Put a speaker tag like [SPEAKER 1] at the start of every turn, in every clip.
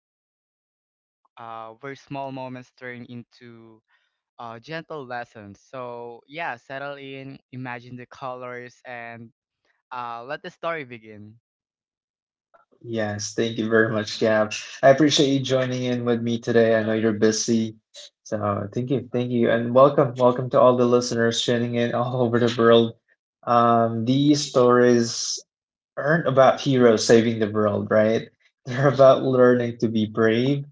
[SPEAKER 1] Hearts Big Magic, where small moments turn into gentle lessons. So yeah, settle in, imagine the colors, and let the story begin.
[SPEAKER 2] Yes, thank you very much, Gab. I appreciate you joining in with me today. I know you're busy. So thank you, and welcome to all the listeners tuning in all over the world. These stories aren't about heroes saving the world, right? They're about learning to be brave,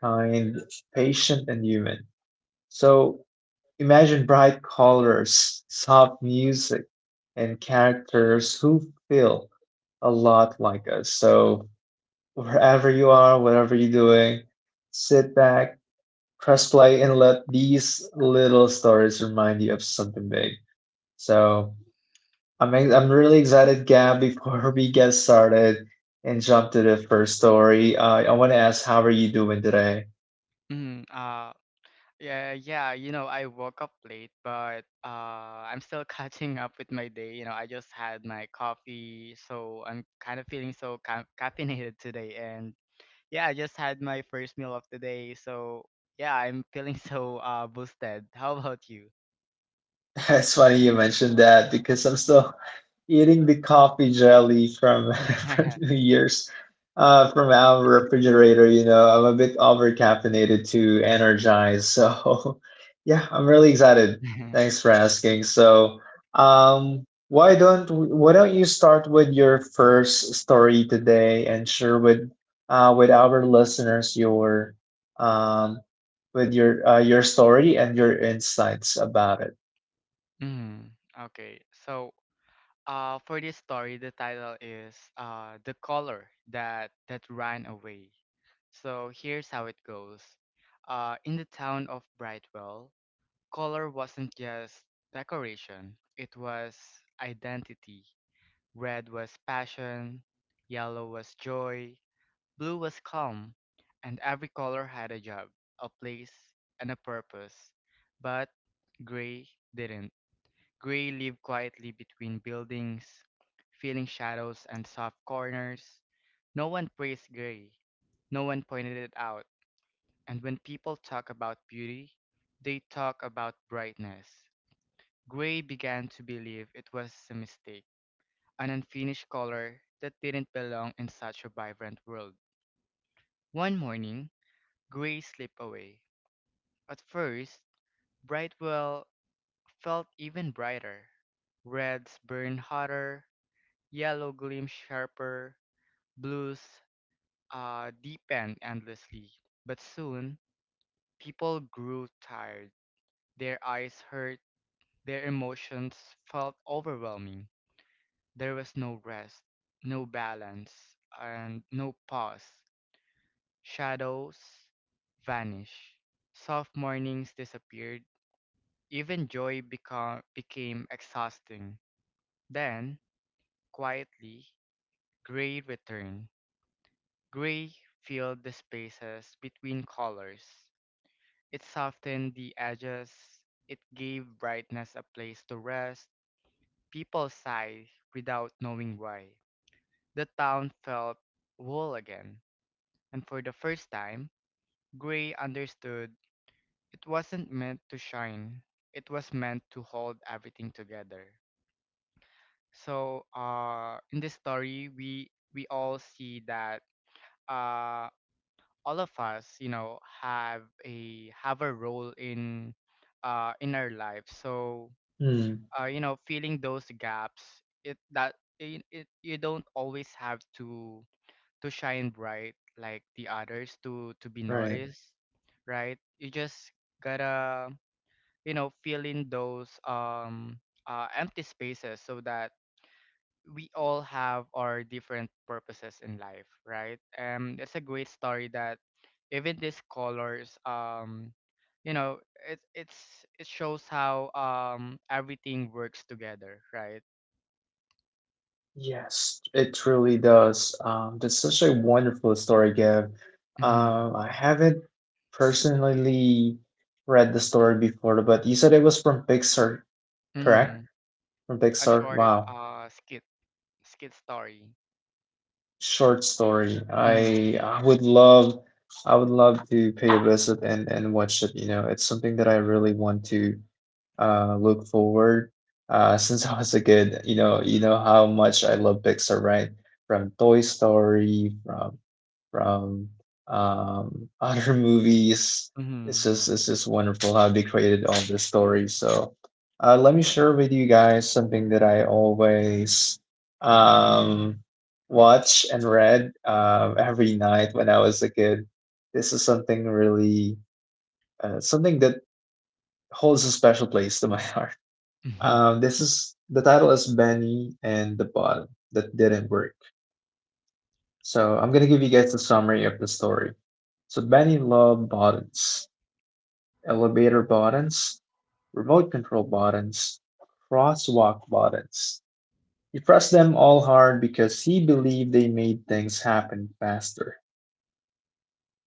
[SPEAKER 2] kind, patient, and human. So imagine bright colors, soft music, and characters who feel a lot like us. So, wherever you are, whatever you're doing, sit back, press play, and let these little stories remind you of something big. So, I'm really excited, Gab, before we get started and jump to the first story. I want to ask, how are you doing today?
[SPEAKER 1] Mm, uh, Yeah, yeah, you know, I woke up late, but I'm still catching up with my day. You know, I just had my coffee, so I'm kind of feeling so ca caffeinated today. And yeah, I just had my first meal of the day, so yeah, I'm feeling so boosted. How about you?
[SPEAKER 2] It's funny you mentioned that because I'm still eating the coffee jelly from from New Year's from our refrigerator. You know, I'm a bit over caffeinated to energize. So, yeah, I'm really excited. Thanks for asking. So, why don't you start with your first story today and share with our listeners your um, with your story and your insights about it.
[SPEAKER 1] Mm, okay, so for this story, the title is "The Color That Ran Away." So here's how it goes. In the town of Brightwell, color wasn't just decoration; it was identity. Red was passion, yellow was joy, blue was calm, and every color had a job, a place, and a purpose. But gray didn't. Gray lived quietly between buildings, feeling shadows and soft corners. No one praised Gray. No one pointed it out. And when people talk about beauty, they talk about brightness. Gray began to believe it was a mistake, an unfinished color that didn't belong in such a vibrant world. One morning, Gray slipped away. At first, Brightwell felt even brighter. Reds burned hotter, yellow gleamed sharper, blues deepen endlessly. But soon, people grew tired. Their eyes hurt, their emotions felt overwhelming. There was no rest, no balance, and no pause. Shadows vanished. Soft mornings disappeared. Even joy became exhausting. Then, quietly, gray returned. Gray filled the spaces between colors. It softened the edges. It gave brightness a place to rest. People sighed without knowing why. The town felt whole again. And for the first time, Gray understood it wasn't meant to shine. It was meant to hold everything together. So, in this story, we all see that uh all of us, you know, have a role in our life. So,
[SPEAKER 2] Hmm.
[SPEAKER 1] you know, filling those gaps, it that it you don't always have to shine bright like the others to be
[SPEAKER 2] Right.
[SPEAKER 1] noticed, right? You just gotta, you know, fill in those empty spaces so that we all have our different purposes in life, right? That's a great story that even these colors, you know, it shows how everything works together, right?
[SPEAKER 2] Yes, it truly does. That's such a wonderful story, Gab.
[SPEAKER 1] Mm-hmm.
[SPEAKER 2] I haven't personally read the story before, but you said it was from Pixar, correct?
[SPEAKER 1] Mm-hmm.
[SPEAKER 2] From
[SPEAKER 1] A
[SPEAKER 2] Pixar.
[SPEAKER 1] short
[SPEAKER 2] Wow,
[SPEAKER 1] skit story.
[SPEAKER 2] short story. I
[SPEAKER 1] Mm-hmm.
[SPEAKER 2] I would love, I would love to pay a visit and watch it. You know, it's something that I really want to look forward. Since I was a kid, you know how much I love Pixar, right? From Toy Story, from other movies. It's
[SPEAKER 1] Mm-hmm.
[SPEAKER 2] just it's just wonderful how they created all this story. So let me share with you guys something that I always um, watch and read every night when I was a kid. This is something really something that holds a special place to my heart. This is the title is Benny and the Bottom That Didn't Work. So I'm gonna give you guys a summary of the story. So Benny loved buttons, elevator buttons, remote control buttons, crosswalk buttons. He pressed them all hard because he believed they made things happen faster.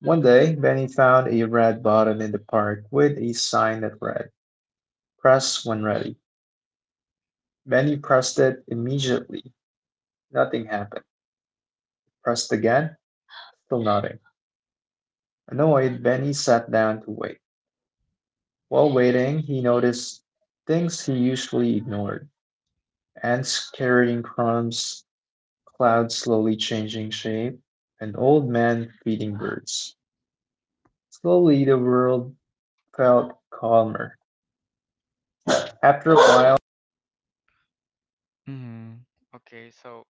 [SPEAKER 2] One day, Benny found a red button in the park with a sign that read, "Press when ready." Benny pressed it immediately. Nothing happened. Pressed again, still nothing. Annoyed, Benny sat down to wait. While waiting, he noticed things he usually ignored: ants carrying crumbs, clouds slowly changing shape, an old man feeding birds. Slowly, the world felt calmer. After a while,
[SPEAKER 1] Mm-hmm. Okay, so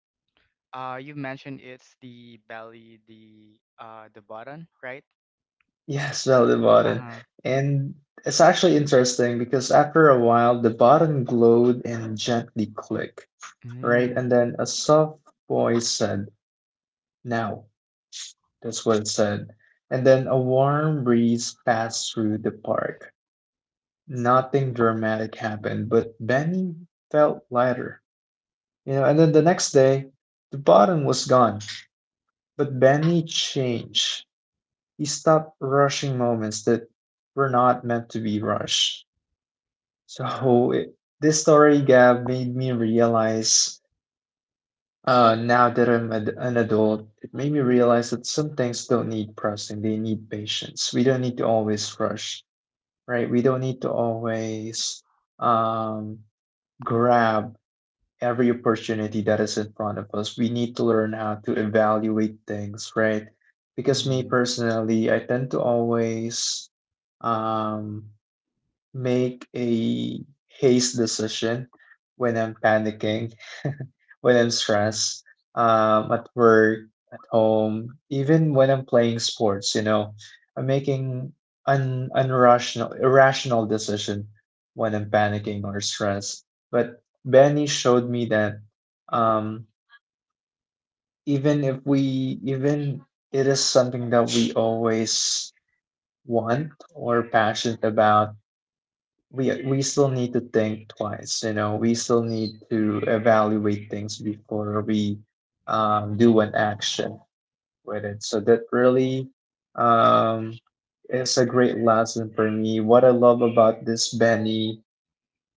[SPEAKER 1] you mentioned it's the belly, the the button, right?
[SPEAKER 2] yes, well, the button.
[SPEAKER 1] Uh-huh.
[SPEAKER 2] And it's actually interesting because after a while, the button glowed and gently clicked, right?
[SPEAKER 1] Mm-hmm.
[SPEAKER 2] And then a soft voice said, "Now." That's well said. And then a warm breeze passed through the park. Nothing dramatic happened, but Benny felt lighter. You know, and then the next day, the bottom was gone. But Benny changed. He stopped rushing moments that were not meant to be rushed. So this story, Gab, made me realize now that I'm an adult, it made me realize that some things don't need pressing, they need patience. We don't need to always rush, right? We don't need to always um, grab every opportunity that is in front of us. We need to learn how to evaluate things, right? Because me personally, I tend to always um, make a haste decision when I'm panicking, when I'm stressed, at work, at home, even when I'm playing sports, you know, I'm making un unrational irrational decision when I'm panicking or stressed. But Benny showed me that um, even if we even it is something that we always want or passionate about, we still need to think twice, you know, we still need to evaluate things before we do an action with it. So that really um, is a great lesson for me. What I love about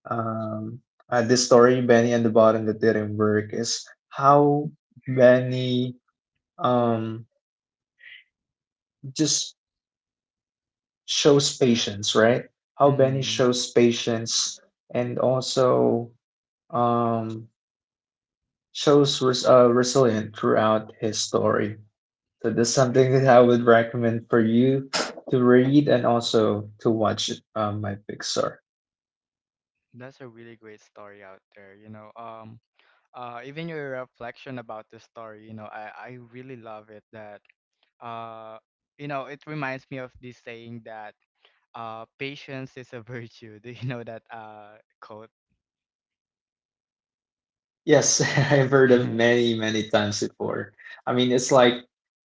[SPEAKER 2] um, this story Benny and the Bottom That Didn't Work is how Benny um, just shows patience, right? How Benny
[SPEAKER 1] Mm,
[SPEAKER 2] shows patience and also um, shows resilient throughout his story. So that's something that I would recommend for you to read and also to watch my Pixar.
[SPEAKER 1] that's a really great story out there, you know. Even your reflection about the story, you know, I really love it that, uh, you know, it reminds me of this saying that, patience is a virtue. Do you know that, quote?
[SPEAKER 2] Yes, I've heard of many, many times before. I mean, it's like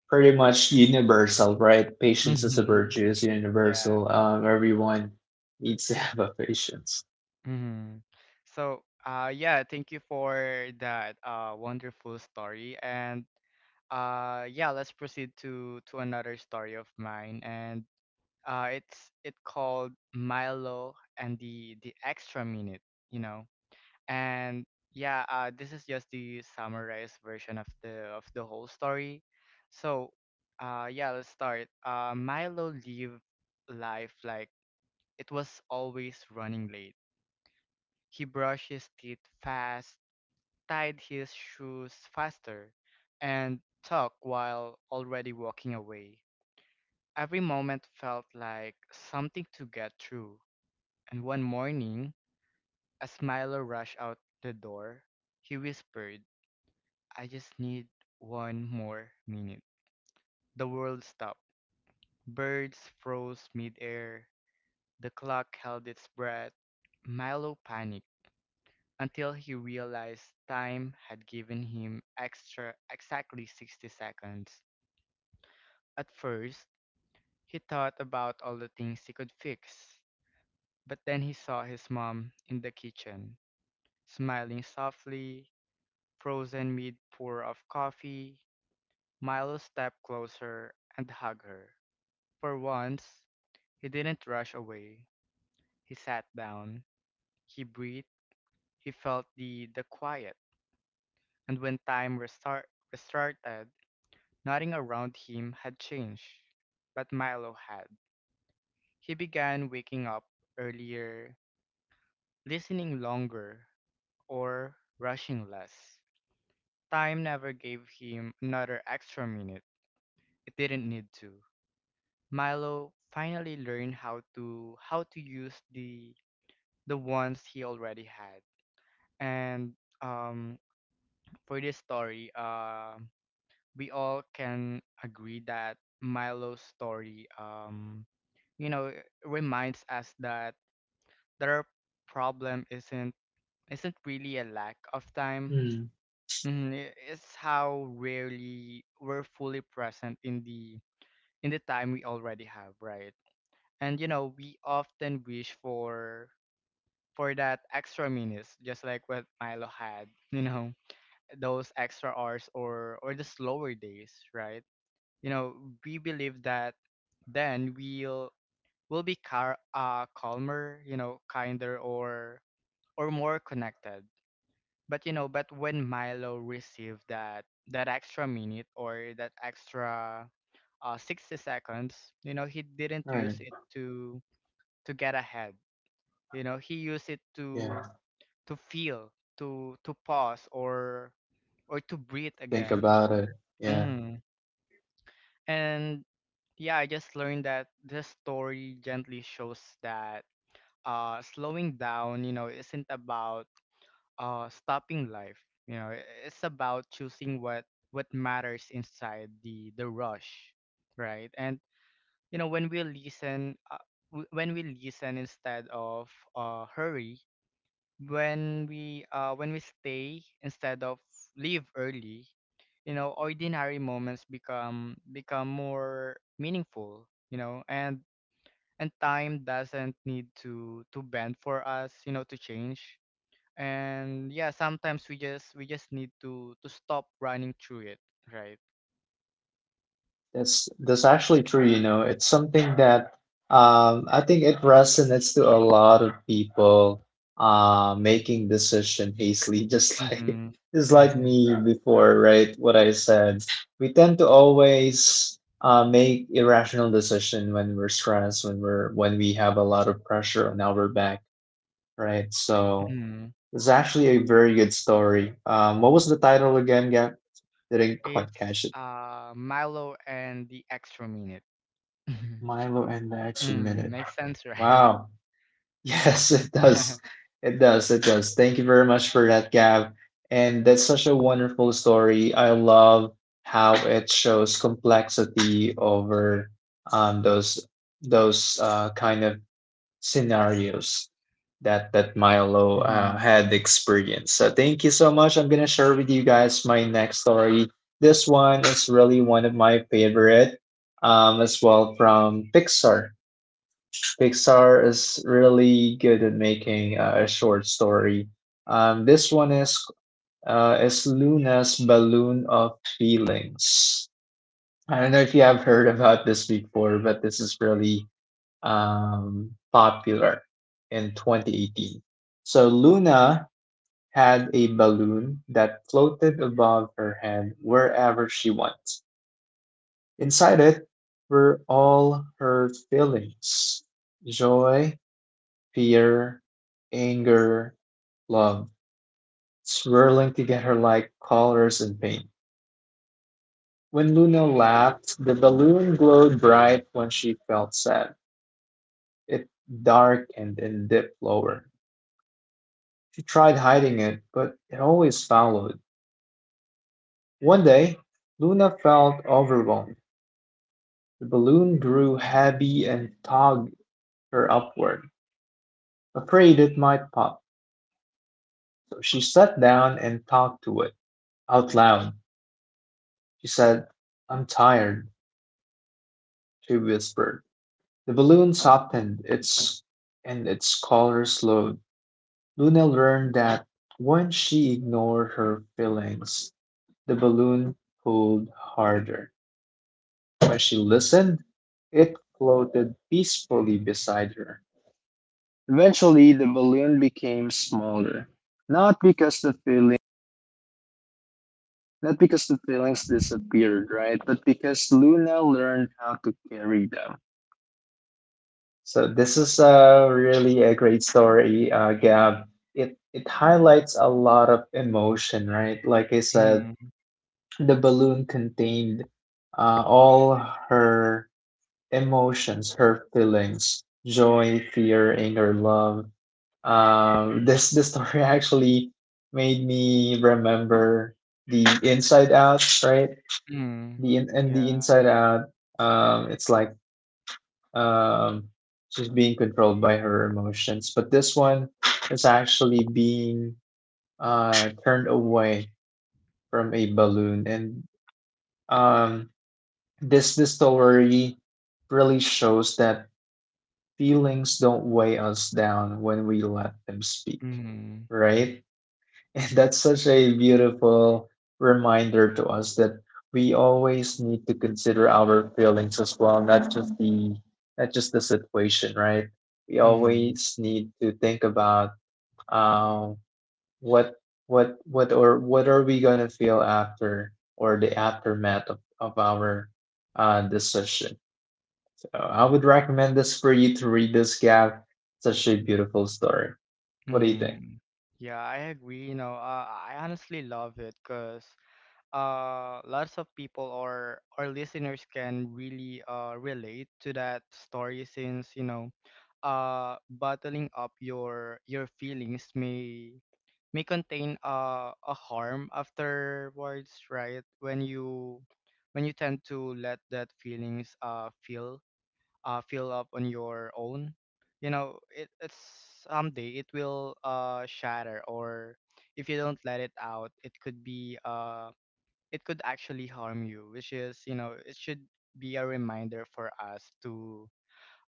[SPEAKER 2] pretty much universal, right? Patience is a
[SPEAKER 1] Mm-hmm.
[SPEAKER 2] virtue, it's
[SPEAKER 1] Yeah.
[SPEAKER 2] universal. Everyone needs to have a patience.
[SPEAKER 1] Mm-hmm. So, yeah, thank you for that, wonderful story. And, yeah, let's proceed to another story of mine. And, it's it called Milo and the extra minute, you know. And yeah, this is just the summarized version of the whole story. So, yeah, let's start. Milo lived life like it was always running late. He brushed his teeth fast, tied his shoes faster, and talked while already walking away. Every moment felt like something to get through. And one morning, as Milo rushed out the door, he whispered, I just need one more minute. The world stopped. Birds froze midair. The clock held its breath. Milo panicked until he realized time had given him extra exactly 60 seconds. At first, he thought about all the things he could fix, but then he saw his mom in the kitchen, smiling softly, frozen mid pour of coffee. Milo stepped closer and hugged her. For once, he didn't rush away. He sat down. He breathed. He felt the quiet. And when time restarted, nothing around him had changed. But Milo had. He began waking up earlier, listening longer, or rushing less. Time never gave him another extra minute. It didn't need to. Milo finally learned how to use the ones he already had. And um, for this story, we all can agree that Milo's story, you know, reminds us that their problem isn't really a lack of time.
[SPEAKER 2] Hmm.
[SPEAKER 1] Mhm. It's how rarely we're fully present in the time we already have, right? And you know we often wish for that extra minutes just like what Milo had, you know, those extra hours, or the slower days, right? You know, we believe that then we'll be calmer, you know, kinder, or more connected. But you know but when Milo received that extra minute or that extra 60 seconds, you know, he didn't
[SPEAKER 2] All right.
[SPEAKER 1] use it to get ahead. You know, he used it
[SPEAKER 2] Yeah.
[SPEAKER 1] to feel, to pause, or to breathe
[SPEAKER 2] Think
[SPEAKER 1] again.
[SPEAKER 2] about it. Yeah.
[SPEAKER 1] mm. And yeah, I just learned that this story gently shows that slowing down, you know, isn't about stopping life. You know, it's about choosing what matters inside the rush, right? And you know when we listen, when we listen instead of hurry, when we stay instead of leave early, you know ordinary moments become more meaningful, you know. And time doesn't need to bend for us, you know, to change. And yeah, sometimes we just need to stop running through it, right?
[SPEAKER 2] That's actually true, you know. It's something that I think it resonates to a lot of people making decision hastily,
[SPEAKER 1] Mm-hmm.
[SPEAKER 2] just like me before, right? What I said. We tend to always make irrational decision when we're stressed, when we have a lot of pressure on our back, right? So
[SPEAKER 1] mm
[SPEAKER 2] it's actually a very good story. What was the title again, Gab? Didn't quite
[SPEAKER 1] it's
[SPEAKER 2] catch it.
[SPEAKER 1] Milo and the Extra Minute.
[SPEAKER 2] Milo and the Extra Minute.
[SPEAKER 1] Makes sense, right?
[SPEAKER 2] Wow. Yes, it does. It does. It does. Thank you very much for that, Gab. And that's such a wonderful story. I love how it shows complexity over um, those those kind of scenarios that that Milo
[SPEAKER 1] Hmm.
[SPEAKER 2] had experienced. So thank you so much. I'm gonna share with you guys my next story. This one is really one of my favorite, as well from Pixar. Pixar is really good at making a short story. This one is Luna's Balloon of Feelings. I don't know if you have heard about this before, but this is really popular in 2018. So Luna had a balloon that floated above her head wherever she went. Inside it were all her feelings: joy, fear, anger, love, swirling together like colors in paint. When Luna laughed, the balloon glowed bright. When she felt sad, it darkened and dipped lower. She tried hiding it, but it always followed. One day, Luna felt overwhelmed. The balloon grew heavy and tugged her upward, afraid it might pop. So she sat down and talked to it out loud. She said, "I'm tired," she whispered. The balloon softened its and its color slowed. Luna learned that when she ignored her feelings, the balloon pulled harder. When she listened, it floated peacefully beside her. Eventually, the balloon became smaller, not because the feeling not because the feelings disappeared, right? But because Luna learned how to carry them. So this is really a great story, Gab. It highlights a lot of emotion, right? Like I said,
[SPEAKER 1] Mhm,
[SPEAKER 2] the balloon contained all her emotions, her feelings, joy, fear, anger, love. This story actually made me remember the Inside Out, right?
[SPEAKER 1] mhm.
[SPEAKER 2] The in, and the
[SPEAKER 1] Yeah.
[SPEAKER 2] Inside Out. It's like um, she's being controlled by her emotions, but this one is actually being turned away from a balloon, and um, this story really shows that feelings don't weigh us down when we let them speak,
[SPEAKER 1] Mhm,
[SPEAKER 2] right? And that's such a beautiful reminder to us that we always need to consider our feelings as well, not just the situation, right? We
[SPEAKER 1] mhm,
[SPEAKER 2] always need to think about um, what what are we gonna feel after or the aftermath of our decision. So I would recommend this for you to read, this gap. Such a beautiful story. What do you think?
[SPEAKER 1] mhm. Yeah, I agree. You know, I honestly love it because lots of people or our listeners can really relate to that story since, you know, bottling up your feelings may contain, a harm afterwards, right? When you tend to let that feelings feel fill up on your own. You know, it, it's someday it will shatter, or if you don't let it out, it could be it could actually harm you, which is, you know, it should be a reminder for us to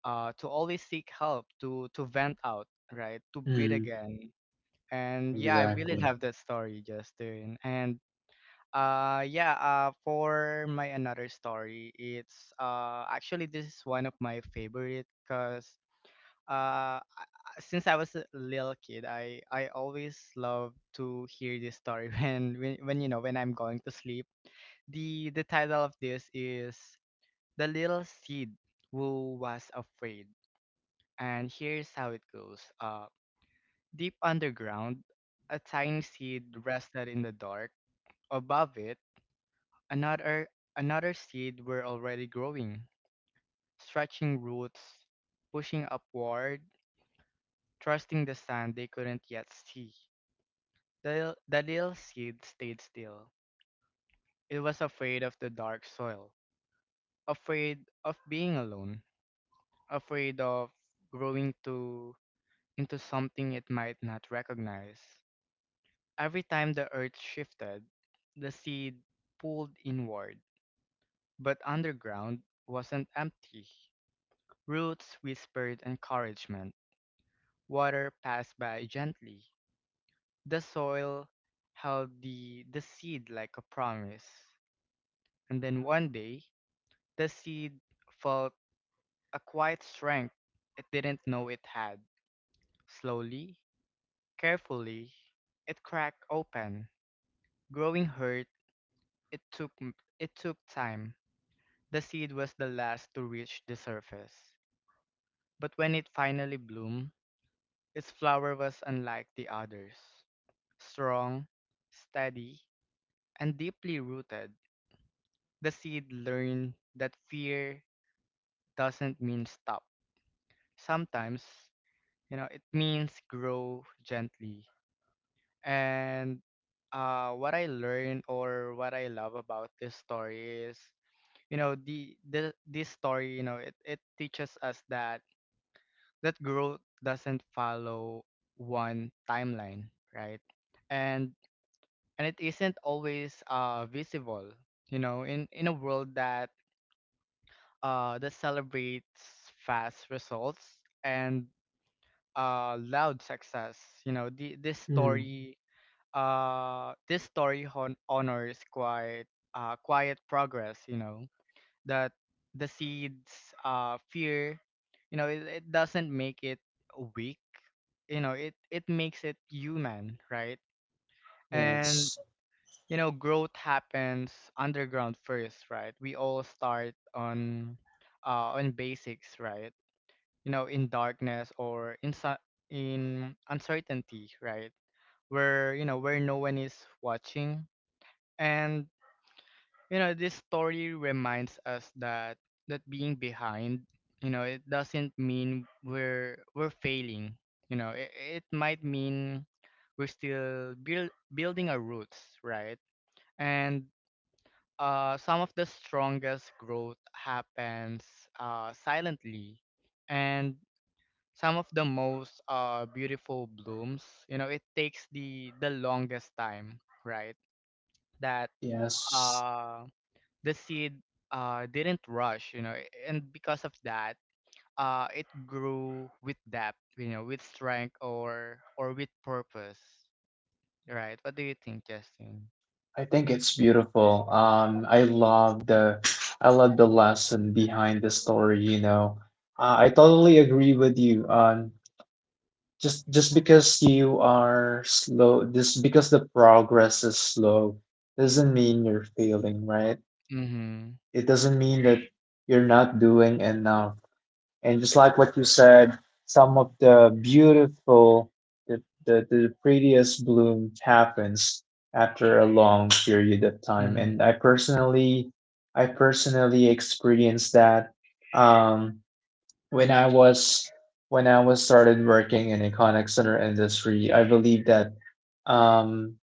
[SPEAKER 1] uh, to always seek help, to vent out, right? To breathe
[SPEAKER 2] Mm,
[SPEAKER 1] again. And yeah, I really
[SPEAKER 2] exactly.
[SPEAKER 1] love that story, Justin. And yeah, for my another story, it's actually this is one of my favorite cuz since I was a little kid, I always love to hear this story when you know when I'm going to sleep. The title of this is The Little Seed Who Was Afraid. And here's how it goes. Deep underground, a tiny seed rested in the dark. Above it, another seed were already growing, stretching roots, pushing upward, trusting the sun they couldn't yet see. The little seed stayed still. It was afraid of the dark soil, afraid of being alone, afraid of growing to into something it might not recognize. Every time the earth shifted, the seed pulled inward, but underground wasn't empty. Roots whispered encouragement. Water passed by gently. The soil held the seed like a promise. And then one day, the seed felt a quiet strength it didn't know it had. Slowly, carefully, it cracked open. Growing hurt, it took it took time. The seed was the last to reach the surface. But when it finally bloomed, its flower was unlike the others. Strong, steady, and deeply rooted, the seed learned that fear doesn't mean stop. Sometimes, you know, it means grow gently. And what I learned or what I love about this story is, you know, the this story, you know, it teaches us that growth doesn't follow one timeline, right? And and it isn't always visible, you know, in a world that that celebrates fast results and loud success. You know, the, this story honors quiet, quiet progress, you know, that the seeds fear, you know, it doesn't make it weak. You know, it makes it human, right? And
[SPEAKER 2] Yes,
[SPEAKER 1] you know growth happens underground first, right? We all start on, basics, right? You know, in darkness or in uncertainty, right? Where, you know, where no one is watching. And you know this story reminds us that being behind, you know, it doesn't mean we're failing. You know, it might mean we're still building our roots, right? And some of the strongest growth happens, silently. And some of the most beautiful blooms, you know, it takes the longest time, right? that
[SPEAKER 2] yes.
[SPEAKER 1] uh, the seed didn't rush, you know, and because of that, it grew with depth, you know, with strength, or with purpose, right? What do you think, Justin?
[SPEAKER 2] I think it's beautiful. I love the lesson behind the story, you know. I totally agree with you. Just because you are slow, just because the progress is slow, doesn't mean you're failing, right?
[SPEAKER 1] Mm-hmm.
[SPEAKER 2] It doesn't mean that you're not doing enough. And just like what you said, some of the beautiful, the prettiest bloom happens after a long period of time. And
[SPEAKER 1] Mm-hmm.
[SPEAKER 2] I personally experienced that um, when I was when I was started working in a contact center industry. I believe that um,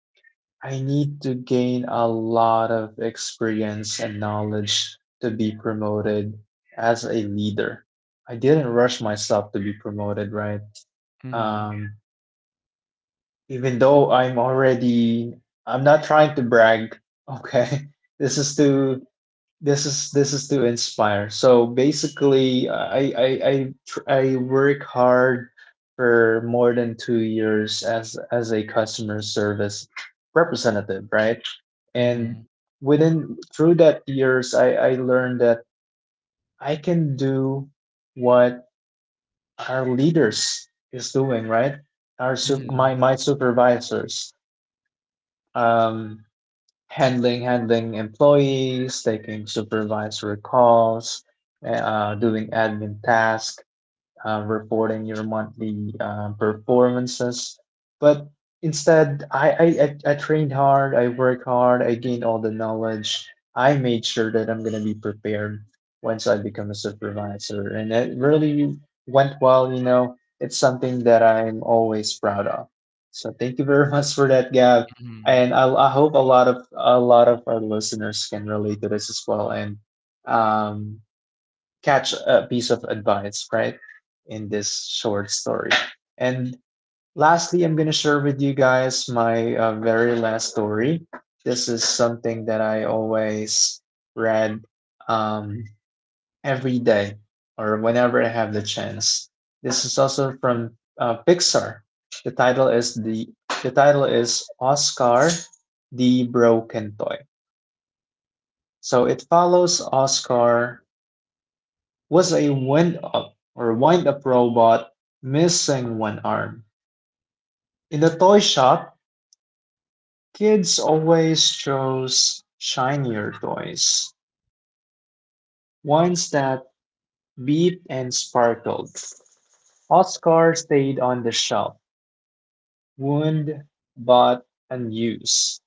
[SPEAKER 2] I need to gain a lot of experience and knowledge to be promoted as a leader. I didn't rush myself to be promoted, right?
[SPEAKER 1] Mm-hmm.
[SPEAKER 2] Um, even though I'm already, I'm not trying to brag, okay? This is to this is to inspire. So basically I work hard for more than 2 years as a customer service representative, right? And
[SPEAKER 1] Mm-hmm.
[SPEAKER 2] within through that years I learned that I can do what our leaders is doing, right? our su-
[SPEAKER 1] Mm-hmm.
[SPEAKER 2] my my supervisors, um handling employees, taking supervisory calls, doing admin tasks, reporting your monthly performances. But instead, I trained hard, I worked hard, I gained all the knowledge. I made sure that I'm going to be prepared once I become a supervisor. And it really went well, It's something that I'm always proud of. So thank you very much for that, Gav.
[SPEAKER 1] Mhm,
[SPEAKER 2] And I hope a lot of our listeners can relate to this as well. And um, catch a piece of advice, right, in this short story. And lastly, I'm going to share with you guys my very last story. This is something that I always read, um, every day or whenever I have the chance. This is also from Pixar. The title is the the title is Oscar the Broken Toy. So it follows Oscar was a wind up or wind up robot missing one arm. In the toy shop, kids always chose shinier toys, ones that beat and sparkled. Oscar stayed on the shelf, wound but unused.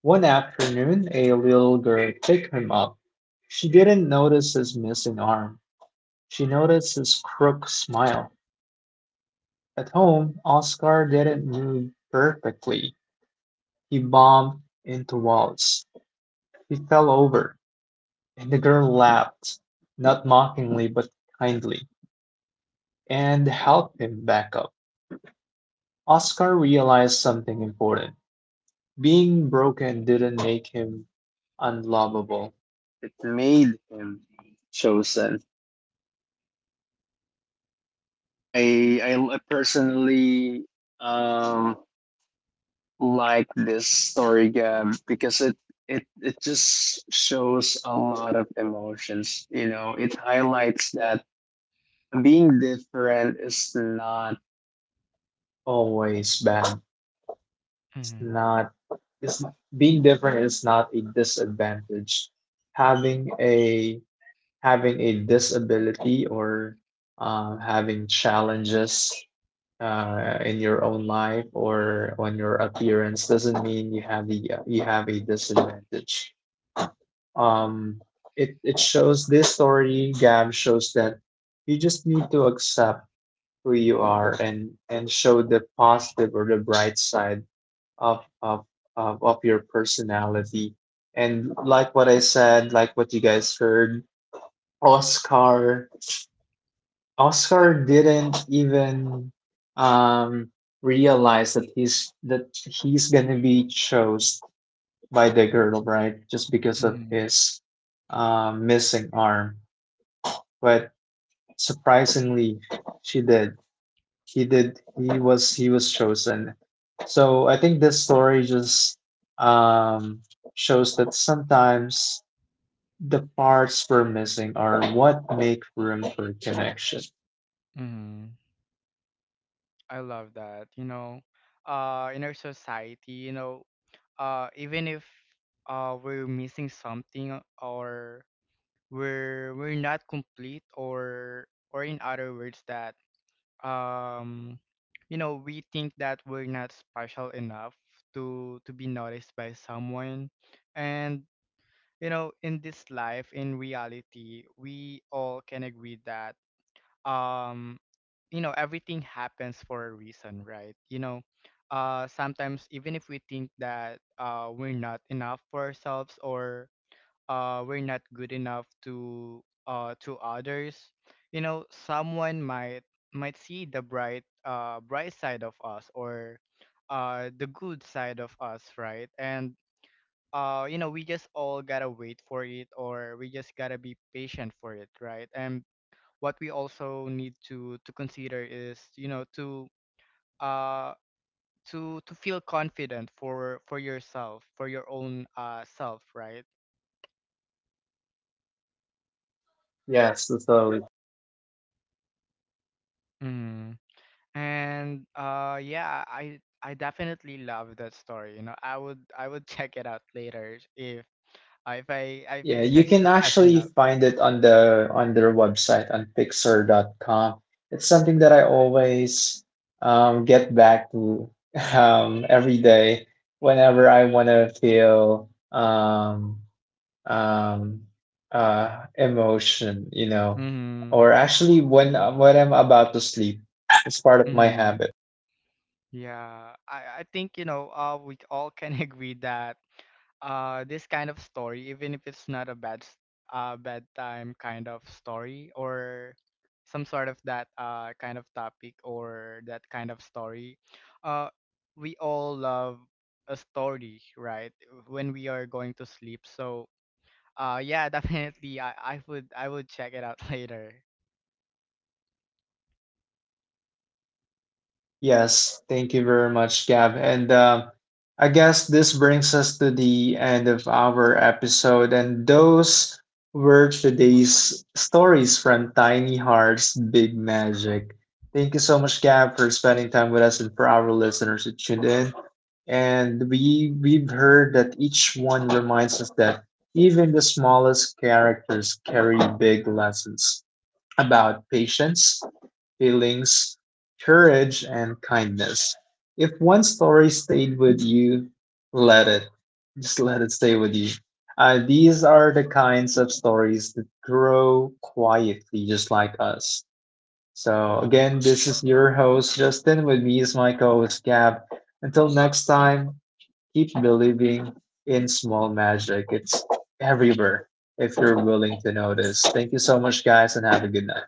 [SPEAKER 2] One afternoon, a little girl picked him up. She didn't notice his missing arm, she noticed his crooked smile. At home, Oscar didn't move perfectly. He bombed into walls. He fell over, and the girl laughed, not mockingly but kindly, and helped him back up. Oscar realized something important. Being broken didn't make him unlovable. It made him chosen. I personally um like this story, Gab, because it just shows a lot of emotions. You know, it highlights that being different is not always bad. It's
[SPEAKER 1] mhm,
[SPEAKER 2] not. It's being different is not a disadvantage. Having a having a disability or having challenges in your own life or on your appearance doesn't mean you have a disadvantage. um it shows, this story, Gab, shows that you just need to accept who you are and show the positive or the bright side of of of your personality. And like what I said, like what you guys heard, Oscar, Oscar didn't even um realize that he's gonna be chose by the girl, right? Just because of
[SPEAKER 1] mhm,
[SPEAKER 2] his missing arm. But surprisingly, she did he did, he was chosen. So I think this story just um shows that sometimes the parts we're missing are what make room for connection.
[SPEAKER 1] mhm. I love that. You know, in our society, you know, even if, we're missing something, or we're not complete, or in other words that, um, you know, we think that we're not special enough to be noticed by someone, and you know, in this life, in reality, we all can agree that. um you know everything happens for a reason, right? You know, sometimes even if we think that, we're not enough for ourselves, or, we're not good enough to others, you know someone might see the bright, bright side of us, or, the good side of us, right? And you know we just all gotta wait for it, or we just gotta be patient for it, right? And what we also need to consider is, you know, uh to feel confident for yourself, for your own, self, right?
[SPEAKER 2] Yes, that's totally.
[SPEAKER 1] mm. And yeah, I definitely love that story, you know. I would check it out later if i if, I-
[SPEAKER 2] Yeah,
[SPEAKER 1] if
[SPEAKER 2] you
[SPEAKER 1] i
[SPEAKER 2] can
[SPEAKER 1] still have
[SPEAKER 2] actually
[SPEAKER 1] enough.
[SPEAKER 2] find it on their website on Pixar.com. It's something that I always get back to every day whenever I want to feel um, emotion, you know,
[SPEAKER 1] Mm-hmm.
[SPEAKER 2] or actually when I'm about to sleep. It's part of my habit.
[SPEAKER 1] Yeah, I think you know, we all can agree that, this kind of story, even if it's not a bad sta bedtime kind of story, or some sort of that, kind of topic or that kind of story, uh, we all love a story, right? When we are going to sleep. So, yeah, definitely, I would check it out later.
[SPEAKER 2] Yes, thank you very much, Gab. And I guess this brings us to the end of our episode. And those were today's stories from Tiny Hearts Big Magic. Thank you so much, Gab, for spending time with us and for our listeners who tuned in. And we've heard that each one reminds us that even the smallest characters carry big lessons about patience, feelings, courage, and kindness. If one story stayed with you, let it. Just let it stay with you. These are the kinds of stories that grow quietly, just like us. So, again, this is your host, Justin. With me is my co host, Gab. Until next time, keep believing in small magic. It's everywhere if you're willing to notice. Thank you so much, guys, and have a good night.